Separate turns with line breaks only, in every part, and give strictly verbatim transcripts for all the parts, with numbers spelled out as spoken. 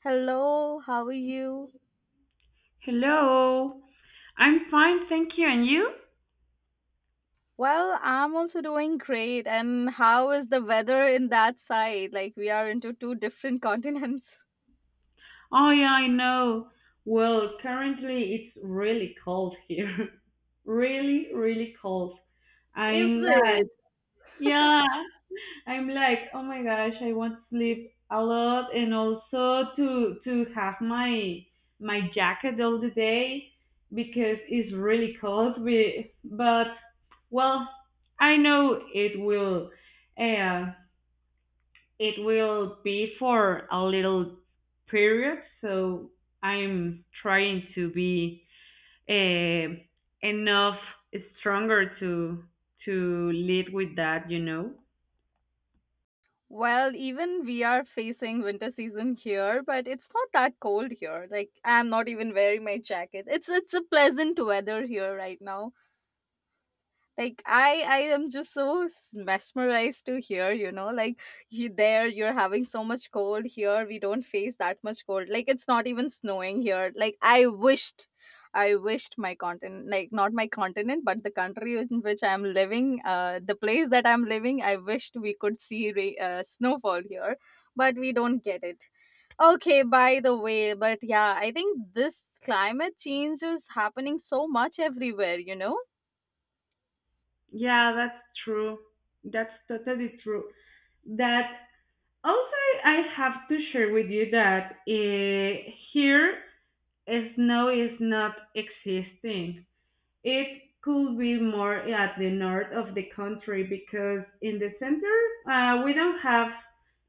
Hello, how are you?
Hello. I'm fine, thank you. And you?
Well, I'm also doing great. And how is the weather in that side? Like, we are into two different continents.
Oh, yeah, I know. Well, currently it's really cold here. Really, really cold.
Is
I'm like,
it?
yeah, I'm like, oh my gosh, I want to sleep a lot and also to to have my my jacket all the day because it's really cold. We, but well, I know it will. Uh, It will be for a little period, so I'm trying to be uh, enough stronger to to lead with that, you know.
Well, even we are facing winter season here, but it's not that cold here. Like, I'm not even wearing my jacket. It's it's a pleasant weather here right now. Like, i i am just so s- mesmerized to here, you know. Like, you there, you're having so much cold. Here we don't face that much cold. Like, it's not even snowing here. Like, I wished, I wished my continent, like, not my continent but the country in which I'm living, uh, the place that I'm living, I wished we could see ra- uh, snowfall here, but we don't get it. Okay, by the way, but yeah, I think this climate change is happening so much everywhere, you know?
Yeah, that's true. That's totally true. That also I have to share with you that uh, here, uh, snow is not existing. It could be more at the north of the country because in the center uh, we don't have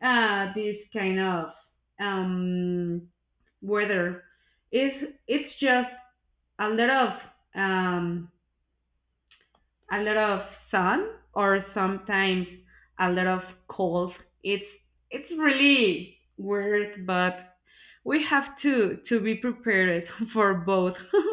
uh, this kind of um, weather. It's it's just a lot of um, a lot of sun, or sometimes a lot of cold. It's it's really weird, but we have to to be prepared for both.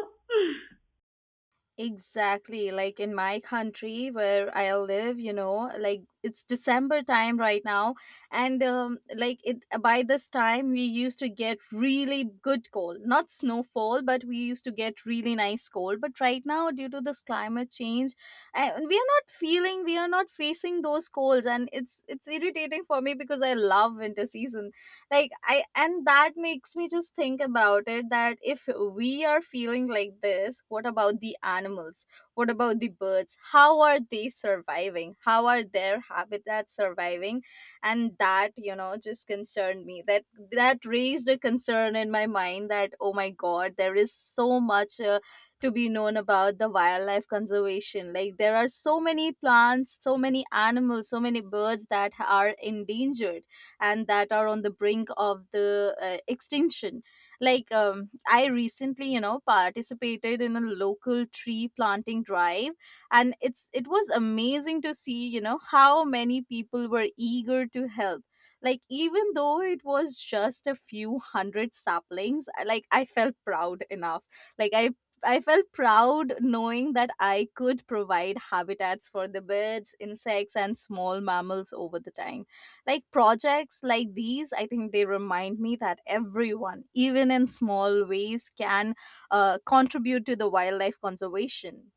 Exactly. Like in my country where I live, you know, like it's December time right now. And um, like it by this time, we used to get really good cold, not snowfall, but we used to get really nice cold. But right now, due to this climate change, and we are not feeling, we are not facing those colds. And it's it's irritating for me because I love winter season. Like I and that makes me just think about it, that if we are feeling like this, what about the animals? What about the birds? How are they surviving? How are their habitats surviving? And that, you know, just concerned me that, that raised a concern in my mind that, oh my god, there is so much uh, to be known about the wildlife conservation. Like, there are so many plants, so many animals, so many birds that are endangered and that are on the brink of the uh, extinction. Like, um, I recently, you know, participated in a local tree planting drive, and it's it was amazing to see, you know, how many people were eager to help. Like, even though it was just a few hundred saplings, I- like I felt proud enough. like i I felt proud knowing that I could provide habitats for the birds, insects, and small mammals over the time. Like projects like these, I think they remind me that everyone, even in small ways, can uh, contribute to the wildlife conservation.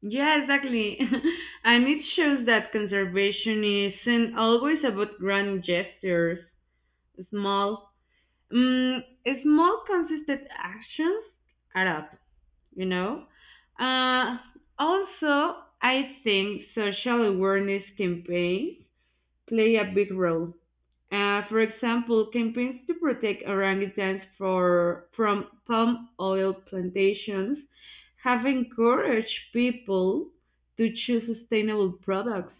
Yeah, exactly. And it shows that conservation isn't always about grand gestures. Small, mm, small consistent actions add up, you know? Uh, Also, I think social awareness campaigns play a big role. Uh, for example, campaigns to protect orangutans for, from palm oil plantations have encouraged people to choose sustainable products.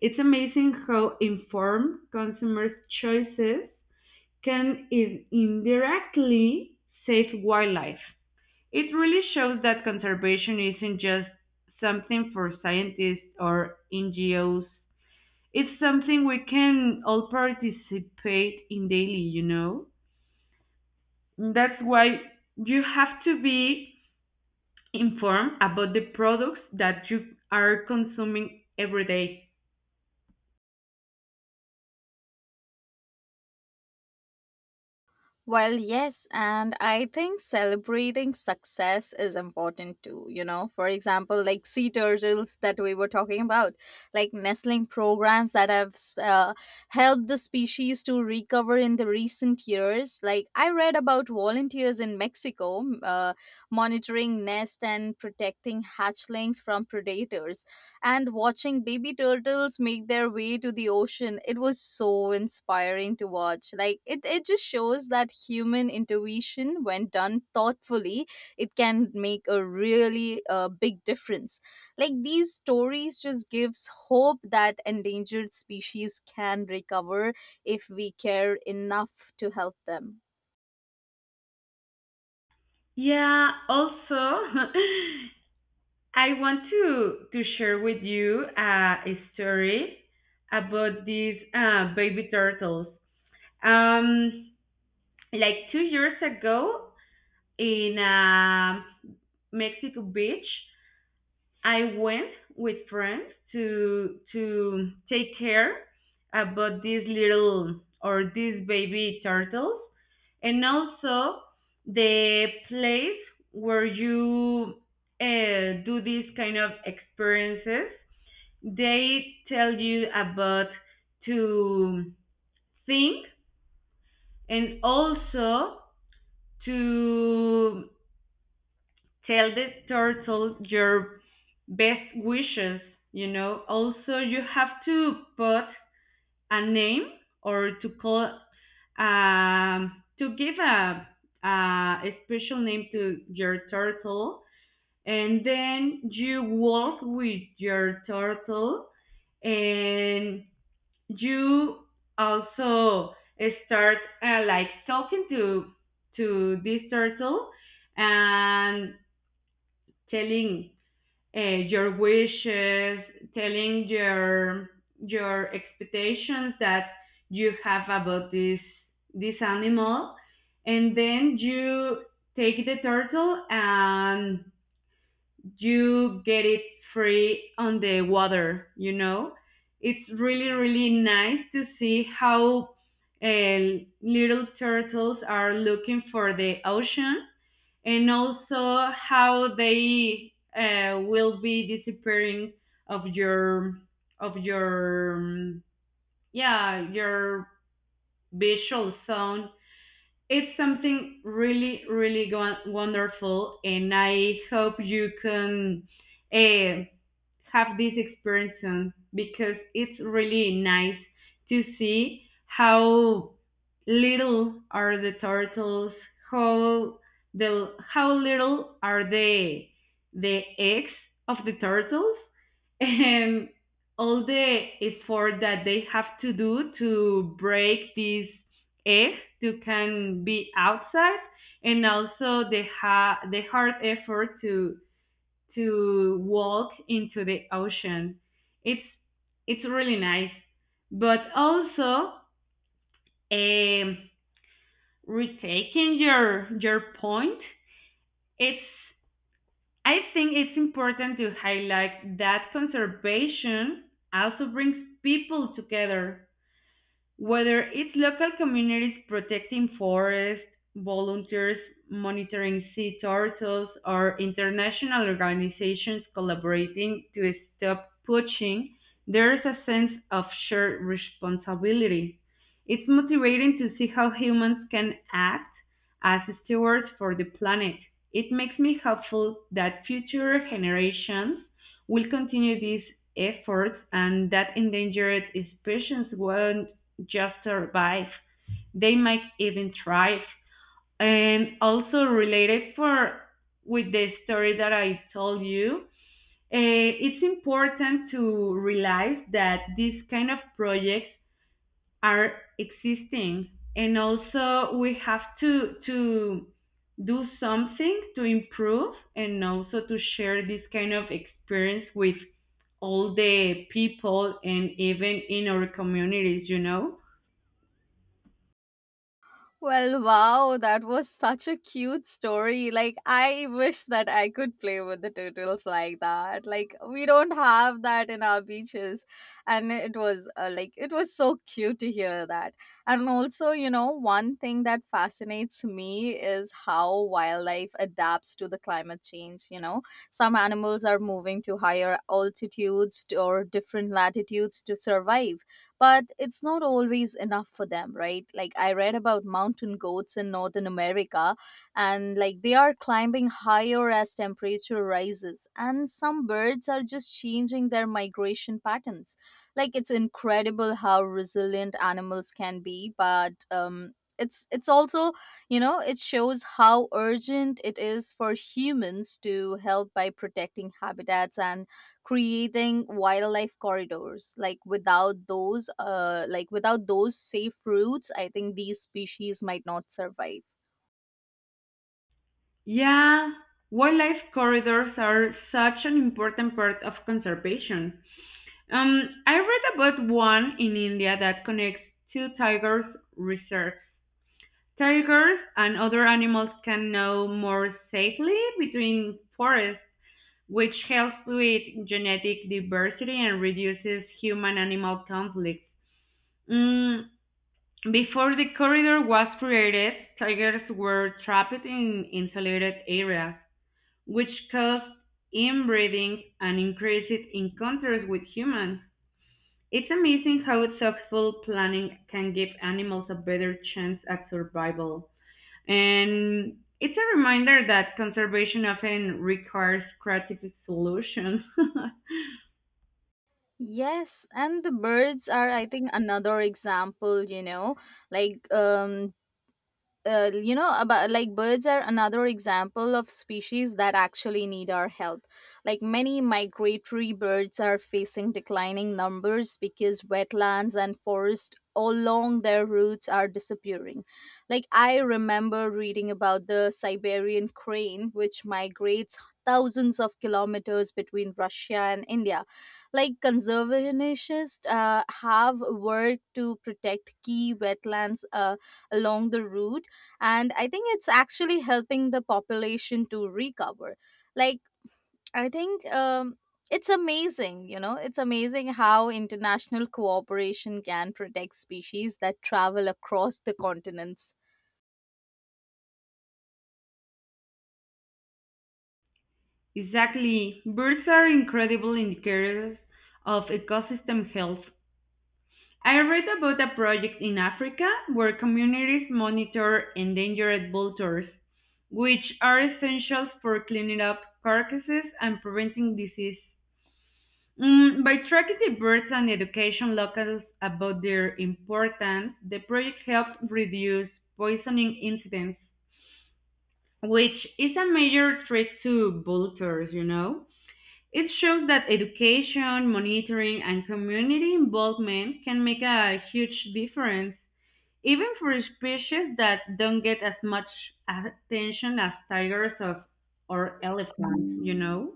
It's amazing how informed consumers' choices can in- indirectly save wildlife. It really shows that conservation isn't just something for scientists or N G Os. It's something we can all participate in daily, you know? That's why you have to be informed about the products that you are consuming every day.
Well, yes, and I think celebrating success is important too. You know, for example, like sea turtles that we were talking about, like nestling programs that have uh, helped the species to recover in the recent years. Like, I read about volunteers in Mexico uh, monitoring nest and protecting hatchlings from predators, and watching baby turtles make their way to the ocean. It was so inspiring to watch. Like it, it just shows that human intuition, when done thoughtfully, it can make a really uh, big difference. Like these stories just gives hope that endangered species can recover if we care enough to help them.
Yeah, also, I want to, to share with you uh, a story about these uh, baby turtles. Um, like two years ago in uh, Mexico Beach, I went with friends to to take care about these little, or these baby turtles. And also, the place where you uh, do these kind of experiences, they tell you about to think, and also to tell the turtle your best wishes, you know. Also, you have to put a name, or to call, um to give a uh, a special name to your turtle, and then you walk with your turtle, and you also start uh, like talking to to this turtle, and telling uh, your wishes, telling your your expectations that you have about this this animal, and then you take the turtle and you get it free on the water. You know, it's really, really nice to see how uh, little turtles are looking for the ocean, and also how they uh, will be disappearing of your of your um, yeah your visual zone. It's something really, really wonderful, and I hope you can uh, have this experience soon, because it's really nice to see how little are the turtles, how the how little are they? The eggs of the turtles and all the effort that they have to do to break these eggs to can be outside, and also the ha- the hard effort to to walk into the ocean. It's it's really nice, but also, um, retaking your your point, it's I think it's important to highlight that conservation also brings people together, whether it's local communities protecting forests, volunteers monitoring sea turtles, or international organizations collaborating to stop poaching, there's a sense of shared responsibility. It's motivating to see how humans can act as stewards for the planet. It makes me hopeful that future generations will continue these efforts, and that endangered species won't just survive, they might even thrive. And also, related for with the story that I told you, uh, it's important to realize that these kind of projects are existing, and also we have to to do something to improve, and also to share this kind of experience with all the people, and even in our communities, you know.
Well, wow, that was such a cute story. Like, I wish that I could play with the turtles like that. Like, we don't have that in our beaches. And it was uh, like, it was so cute to hear that. And also, you know, one thing that fascinates me is how wildlife adapts to the climate change. You know, some animals are moving to higher altitudes to- or different latitudes to survive, but it's not always enough for them, right? Like I read about mountain goats in Northern America, and like they are climbing higher as temperature rises, and some birds are just changing their migration patterns. Like it's incredible how resilient animals can be, but um it's it's also, you know, it shows how urgent it is for humans to help by protecting habitats and creating wildlife corridors. Like without those uh like without those safe routes, I think these species might not survive.
Yeah, wildlife corridors are such an important part of conservation. um, I read about one in India that connects two tigers reserves. Tigers and other animals can move more safely between forests, which helps with genetic diversity and reduces human-animal conflicts. Mm, Before the corridor was created, tigers were trapped in insulated areas, which caused inbreeding and increased encounters with humans. It's amazing how thoughtful planning can give animals a better chance at survival. And it's a reminder that conservation often requires creative solutions.
Yes, and the birds are, I think, another example, you know. like um uh, you know about, like, birds are another example of species that actually need our help. Like many migratory birds are facing declining numbers because wetlands and forests along their routes are disappearing. Like I remember reading about the Siberian crane, which migrates thousands of kilometers between Russia and India. Like conservationists uh, have worked to protect key wetlands uh, along the route, and I think it's actually helping the population to recover. Like I think um, It's amazing, you know, it's amazing how international cooperation can protect species that travel across the continents.
Exactly. Birds are incredible indicators of ecosystem health. I read about a project in Africa where communities monitor endangered vultures, which are essential for cleaning up carcasses and preventing disease. Mm, by tracking the birds and educating locals about their importance, the project helped reduce poisoning incidents, which is a major threat to vultures, you know. It shows that education, monitoring, and community involvement can make a huge difference, even for species that don't get as much attention as tigers of, or elephants, you know.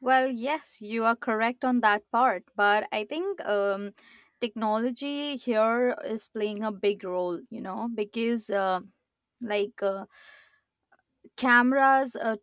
Well, yes, you are correct on that part, but I think, um, technology here is playing a big role, you know, because uh, like uh, cameras, uh,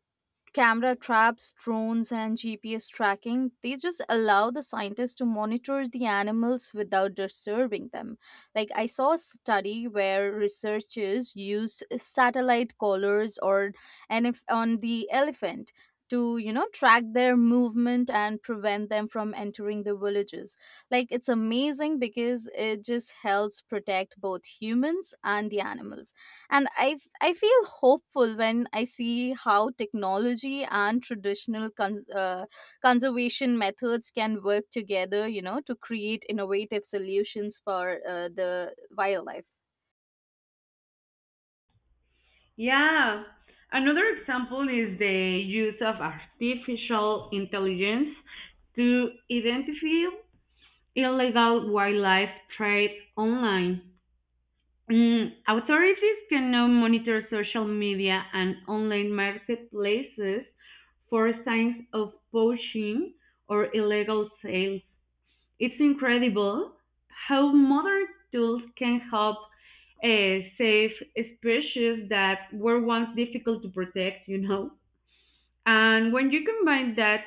camera traps, drones, and G P S tracking, they just allow the scientists to monitor the animals without disturbing them. Like, I saw a study where researchers used satellite collars or and if on the elephant to, you know, track their movement and prevent them from entering the villages. Like it's amazing because it just helps protect both humans and the animals. And i f- I feel hopeful when I see how technology and traditional con- uh, conservation methods can work together, you know, to create innovative solutions for uh, the wildlife.
Yeah. Another example is the use of artificial intelligence to identify illegal wildlife trade online. Mm, authorities can now monitor social media and online marketplaces for signs of poaching or illegal sales. It's incredible how modern tools can help uh, save species that were once difficult to protect, you know. And when you combine that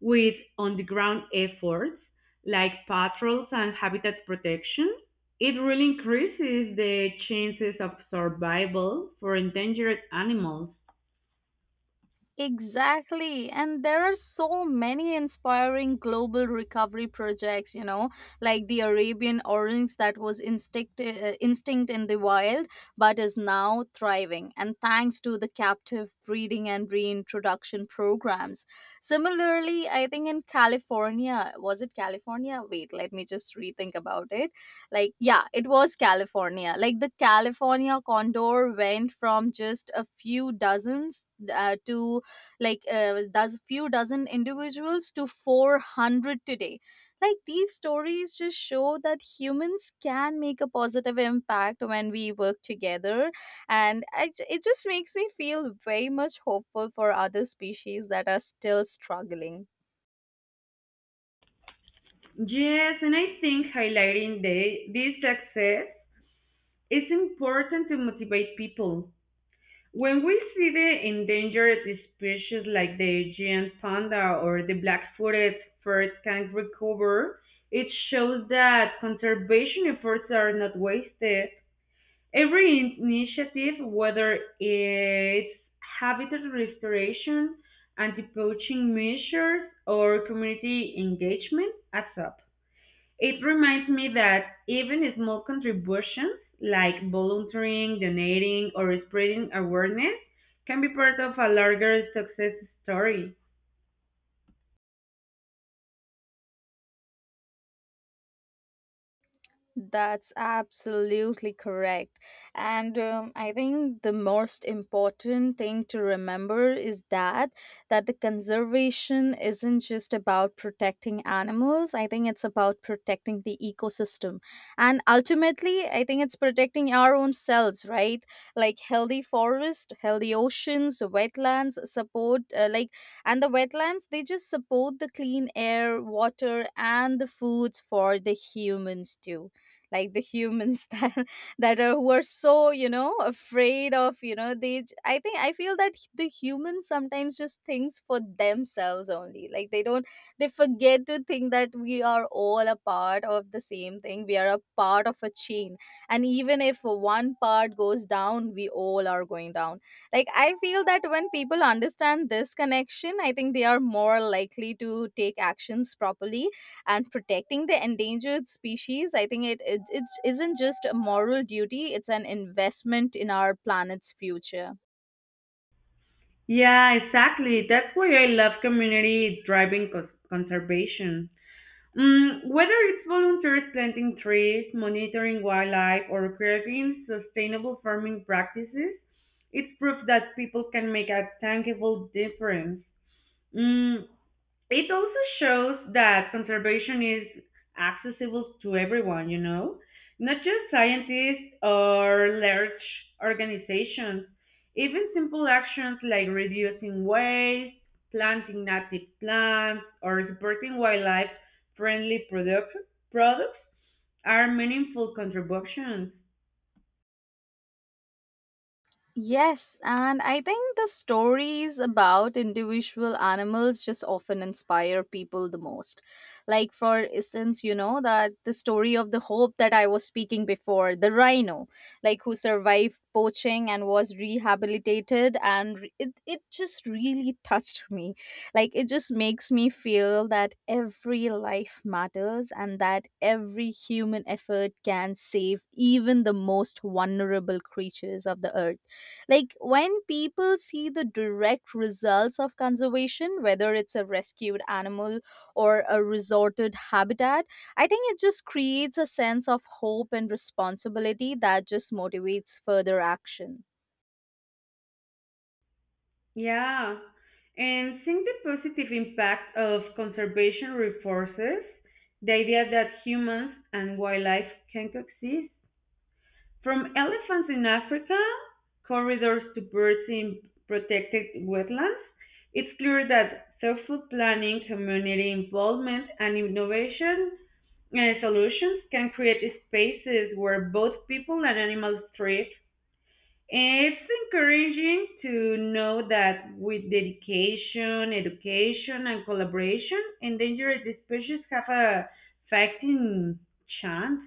with on the ground efforts like patrols and habitat protection, it really increases the chances of survival for endangered animals.
Exactly. And there are so many inspiring global recovery projects, you know, like the Arabian orange that was instinct, uh, instinct in the wild, but is now thriving, and thanks to the captive breeding and reintroduction programs. Similarly, I think in California, was it California? Wait, let me just rethink about it. Like, yeah, it was California. Like the California condor went from just a few dozens uh, to like uh, does few dozen individuals to four hundred today. Like these stories just show that humans can make a positive impact when we work together, and I, j- it just makes me feel very much hopeful for other species that are still struggling.
Yes, and I think highlighting the, this success is important to motivate people. When we see the endangered species like the giant panda or the black-footed furred kangaroo, it shows that conservation efforts are not wasted. Every initiative, whether it's habitat restoration, anti-poaching measures, or community engagement, adds up. It reminds me that even small contributions like volunteering, donating, or spreading awareness can be part of a larger success story.
That's absolutely correct. And um, I think the most important thing to remember is that, that the conservation isn't just about protecting animals. I think it's about protecting the ecosystem. And ultimately, I think it's protecting our own selves, right? Like healthy forest, healthy oceans, wetlands support uh, like and the wetlands, they just support the clean air, water, and the foods for the humans too. Like the humans that, that are who are so, you know, afraid of, you know, they j- I think I feel that the humans sometimes just thinks for themselves only. Like they don't, they forget to think that we are all a part of the same thing. We are a part of a chain, and even if one part goes down, we all are going down. Like I feel that when people understand this connection, I think they are more likely to take actions properly. And protecting the endangered species, I think it, it it isn't just a moral duty, it's an investment in our planet's future.
Yeah, exactly. That's why I love community driving cons- conservation. Mm, whether it's volunteers planting trees, monitoring wildlife, or creating sustainable farming practices, it's proof that people can make a tangible difference. Mm, It also shows that conservation is accessible to everyone, you know, not just scientists or large organizations. Even simple actions like reducing waste, planting native plants, or supporting wildlife friendly product, products are meaningful contributions.
Yes, and I think the stories about individual animals just often inspire people the most. Like, for instance, you know, that the story of the hope that I was speaking before, the rhino, like who survived poaching and was rehabilitated, and re- it, it just really touched me. Like, it just makes me feel that every life matters and that every human effort can save even the most vulnerable creatures of the earth. Like when people see the direct results of conservation, whether it's a rescued animal or a resorted habitat, I think it just creates a sense of hope and responsibility that just motivates further action.
Yeah, and seeing the positive impact of conservation reinforces the idea that humans and wildlife can coexist. From elephants in Africa, corridors to birds in protected wetlands, it's clear that thoughtful planning, community involvement, and innovation uh, solutions can create spaces where both people and animals thrive. It's encouraging to know that with dedication, education, and collaboration, endangered species have a fighting chance.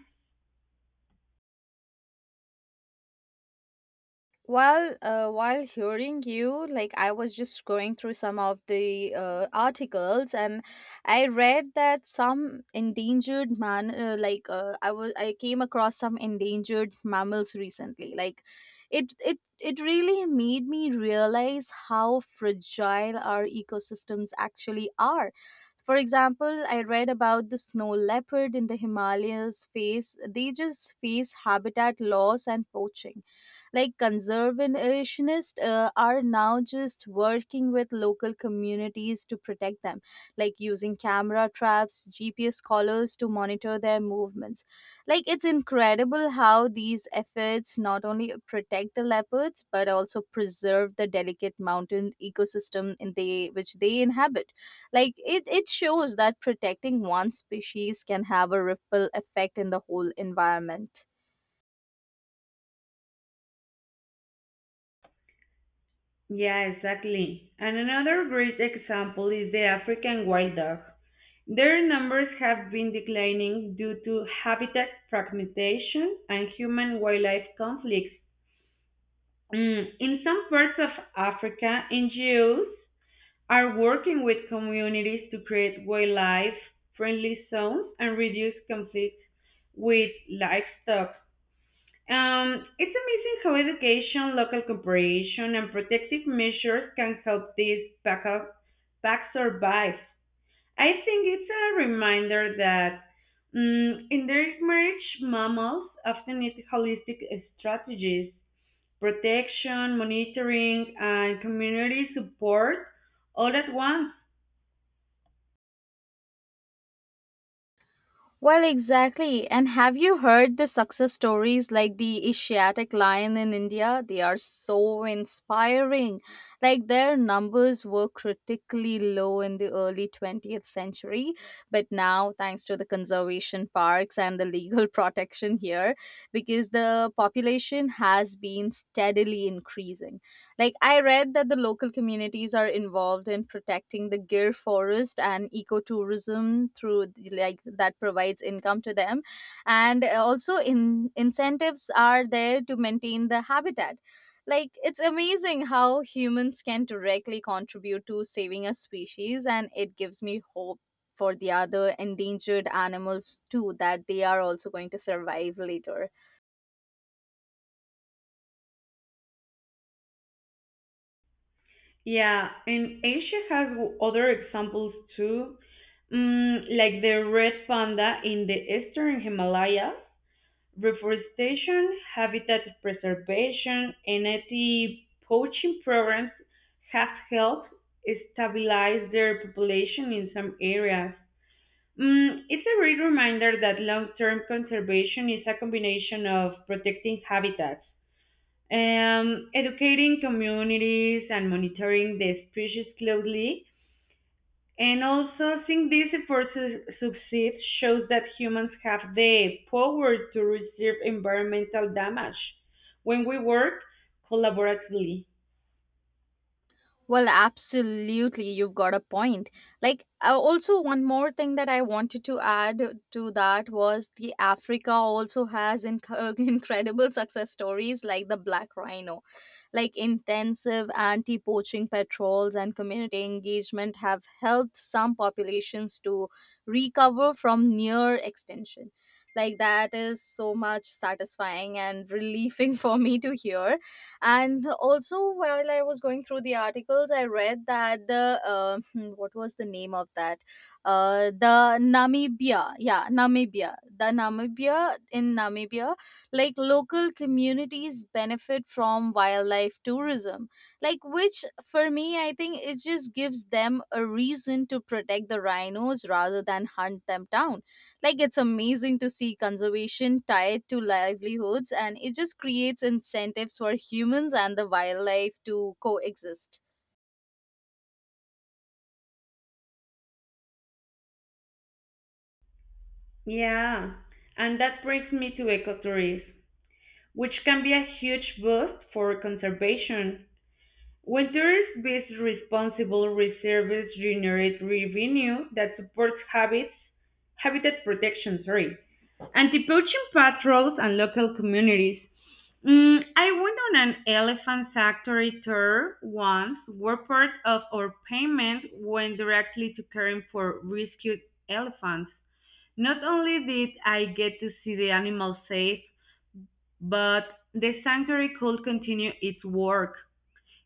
Well, uh, while hearing you, like I was just going through some of the uh, articles, and I read that some endangered man, uh, like uh, I was, I came across some endangered mammals recently. Like, it it it really made me realize how fragile our ecosystems actually are. For example, I read about the snow leopard in the Himalayas face. They just face habitat loss and poaching. Like conservationists uh, are now just working with local communities to protect them, like using camera traps, G P S collars to monitor their movements. Like it's incredible how these efforts not only protect the leopards but also preserve the delicate mountain ecosystem in they which they inhabit. Like it, it shows that protecting one species can have a ripple effect in the whole environment.
Yeah, exactly. And another great example is the African wild dog. Their numbers have been declining due to habitat fragmentation and human wildlife conflicts. Mm, In some parts of Africa, N G Os are working with communities to create wildlife friendly zones and reduce conflicts with livestock. Um, it's amazing how education, local cooperation, and protective measures can help these packs survive. I think it's a reminder that mm, endangered mammals often need holistic strategies, protection, monitoring, and community support all at once.
Well, exactly. And have you heard the success stories like the Asiatic lion in India? They are so inspiring. Like their numbers were critically low in the early twentieth century, but now, thanks to the conservation parks and the legal protection here, because the population has been steadily increasing. Like, I read that the local communities are involved in protecting the Gir forest and ecotourism through, like, that provides income to them. And also, in, incentives are there to maintain the habitat. Like, it's amazing how humans can directly contribute to saving a species, and it gives me hope for the other endangered animals too that they are also going to survive later.
Yeah, and Asia has w- other examples too, mm, like the red panda in the eastern Himalayas. Reforestation, habitat preservation, and anti poaching programs have helped stabilize their population in some areas. Mm, it's a great reminder that long term conservation is a combination of protecting habitats, um, educating communities, and monitoring the species closely. And also, seeing these efforts su- succeed shows that humans have the power to reduce environmental damage when we work collaboratively.
Well, absolutely, you've got a point. Like, uh, also, one more thing that I wanted to add to that was the Africa also has inc- incredible success stories like the Black Rhino. Like, intensive anti poaching patrols and community engagement have helped some populations to recover from near extinction. Like, that is so much satisfying and relieving for me to hear. And also, while I was going through the articles, I read that the uh, hmm, what was the name of that? Uh, the Namibia, yeah, Namibia. The Namibia in Namibia, like local communities benefit from wildlife tourism, like which for me, I think it just gives them a reason to protect the rhinos rather than hunt them down. Like it's amazing to see conservation tied to livelihoods, and it just creates incentives for humans and the wildlife to coexist.
Yeah, and that brings me to ecotourism, which can be a huge boost for conservation. When tourist-based responsible reserves generate revenue that supports habits, habitat protection, sorry, anti-poaching patrols, and local communities. Mm, I went on an elephant sanctuary tour once where part of our payment went directly to caring for rescued elephants. Not only did I get to see the animals safe, but the sanctuary could continue its work.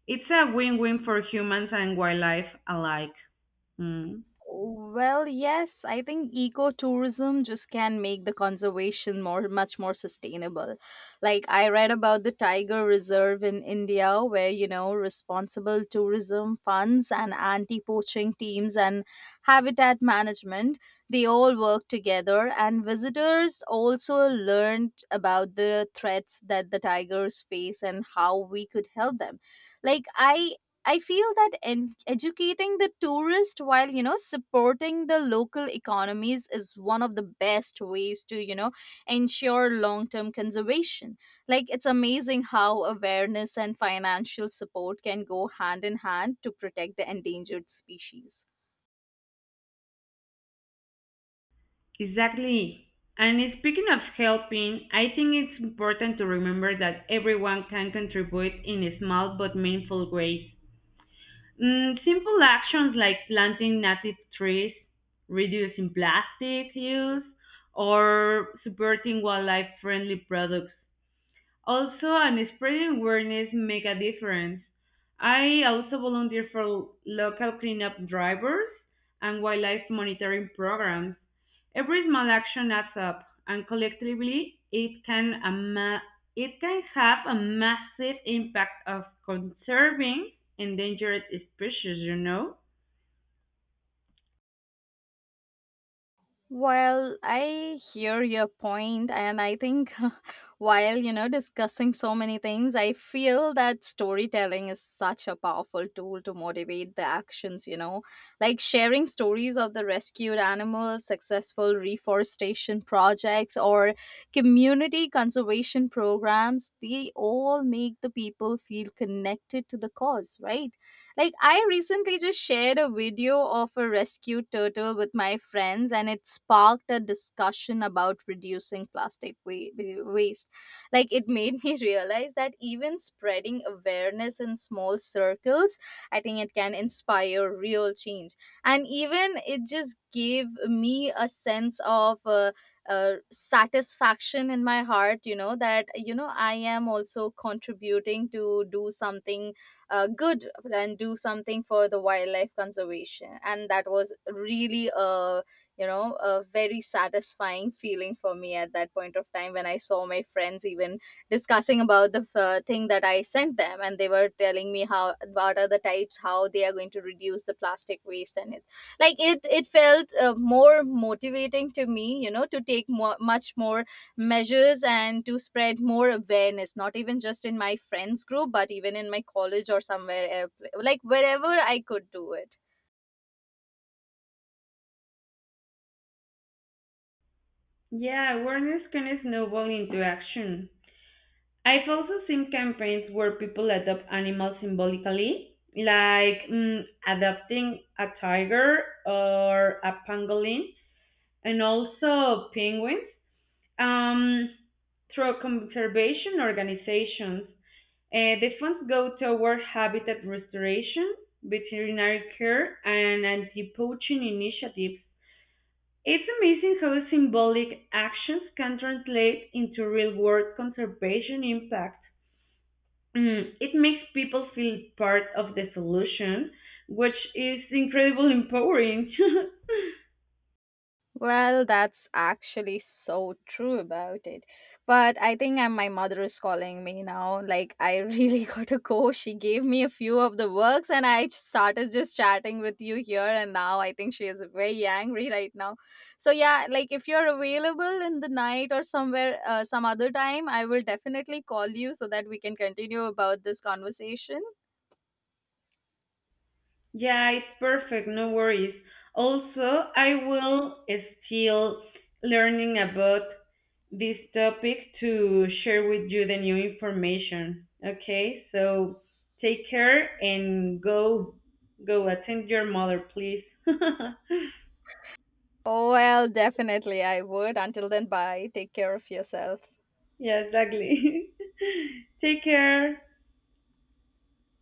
It's a win-win for humans and wildlife alike. Mm,
Well, yes, I think ecotourism just can make the conservation more much more sustainable. Like I read about the tiger reserve in India where, you know, responsible tourism funds and anti-poaching teams and habitat management, they all work together, and visitors also learned about the threats that the tigers face and how we could help them. like i I feel that en- educating the tourist while you know supporting the local economies is one of the best ways to you know ensure long-term conservation. Like it's amazing how awareness and financial support can go hand in hand to protect the endangered species.
exactly. And speaking of helping, I think it's important to remember that everyone can contribute in small but meaningful ways. Mm, simple actions like planting native trees, reducing plastic use, or supporting wildlife friendly products. Also, and spreading awareness make a difference. I also volunteer for local cleanup drivers and wildlife monitoring programs. Every small action adds up, and collectively, it can a ma- it can have a massive impact of conserving endangered species, you know?
Well, I hear your point, and I think while you know discussing so many things, I feel that storytelling is such a powerful tool to motivate the actions. You know, like sharing stories of the rescued animals, successful reforestation projects, or community conservation programs, they all make the people feel connected to the cause, right? Like, I recently just shared a video of a rescued turtle with my friends, and it sparked a discussion about reducing plastic wa- wa- waste. Like, it made me realize that even spreading awareness in small circles, I think it can inspire real change. And even it just gave me a sense of uh, uh, satisfaction in my heart, you know, that, you know, I am also contributing to do something uh, good and do something for the wildlife conservation, and that was really a you know a very satisfying feeling for me at that point of time when I saw my friends even discussing about the uh, thing that I sent them, and they were telling me how what are the types how they are going to reduce the plastic waste. And it like it it felt uh, more motivating to me you know to take more, much more measures and to spread more awareness not even just in my friends group but even in my college or somewhere else, like wherever I could do it.
Yeah, awareness can snowball into action. I've also seen campaigns where people adopt animals symbolically, like, mm, adopting a tiger or a pangolin, and also penguins, um, through conservation organizations. Uh, the funds go toward habitat restoration, veterinary care, and anti-poaching initiatives. It's amazing how symbolic actions can translate into real-world conservation impact. Mm, it makes people feel part of the solution, which is incredibly empowering.
Well, that's actually so true about it. But I think I my mother is calling me now. Like, I really gotta go. She gave me a few of the works, and I just started just chatting with you here. And now I think she is very angry right now. So, yeah, like if you're available in the night or somewhere, uh, some other time, I will definitely call you so that we can continue about this conversation.
Yeah, it's perfect, no worries. Also, I will still learning about this topic to share with you the new information. Okay, so take care and go go attend your mother, please.
Oh, well, definitely I would. Until then, bye. Take care of yourself.
Yeah, exactly. Take care.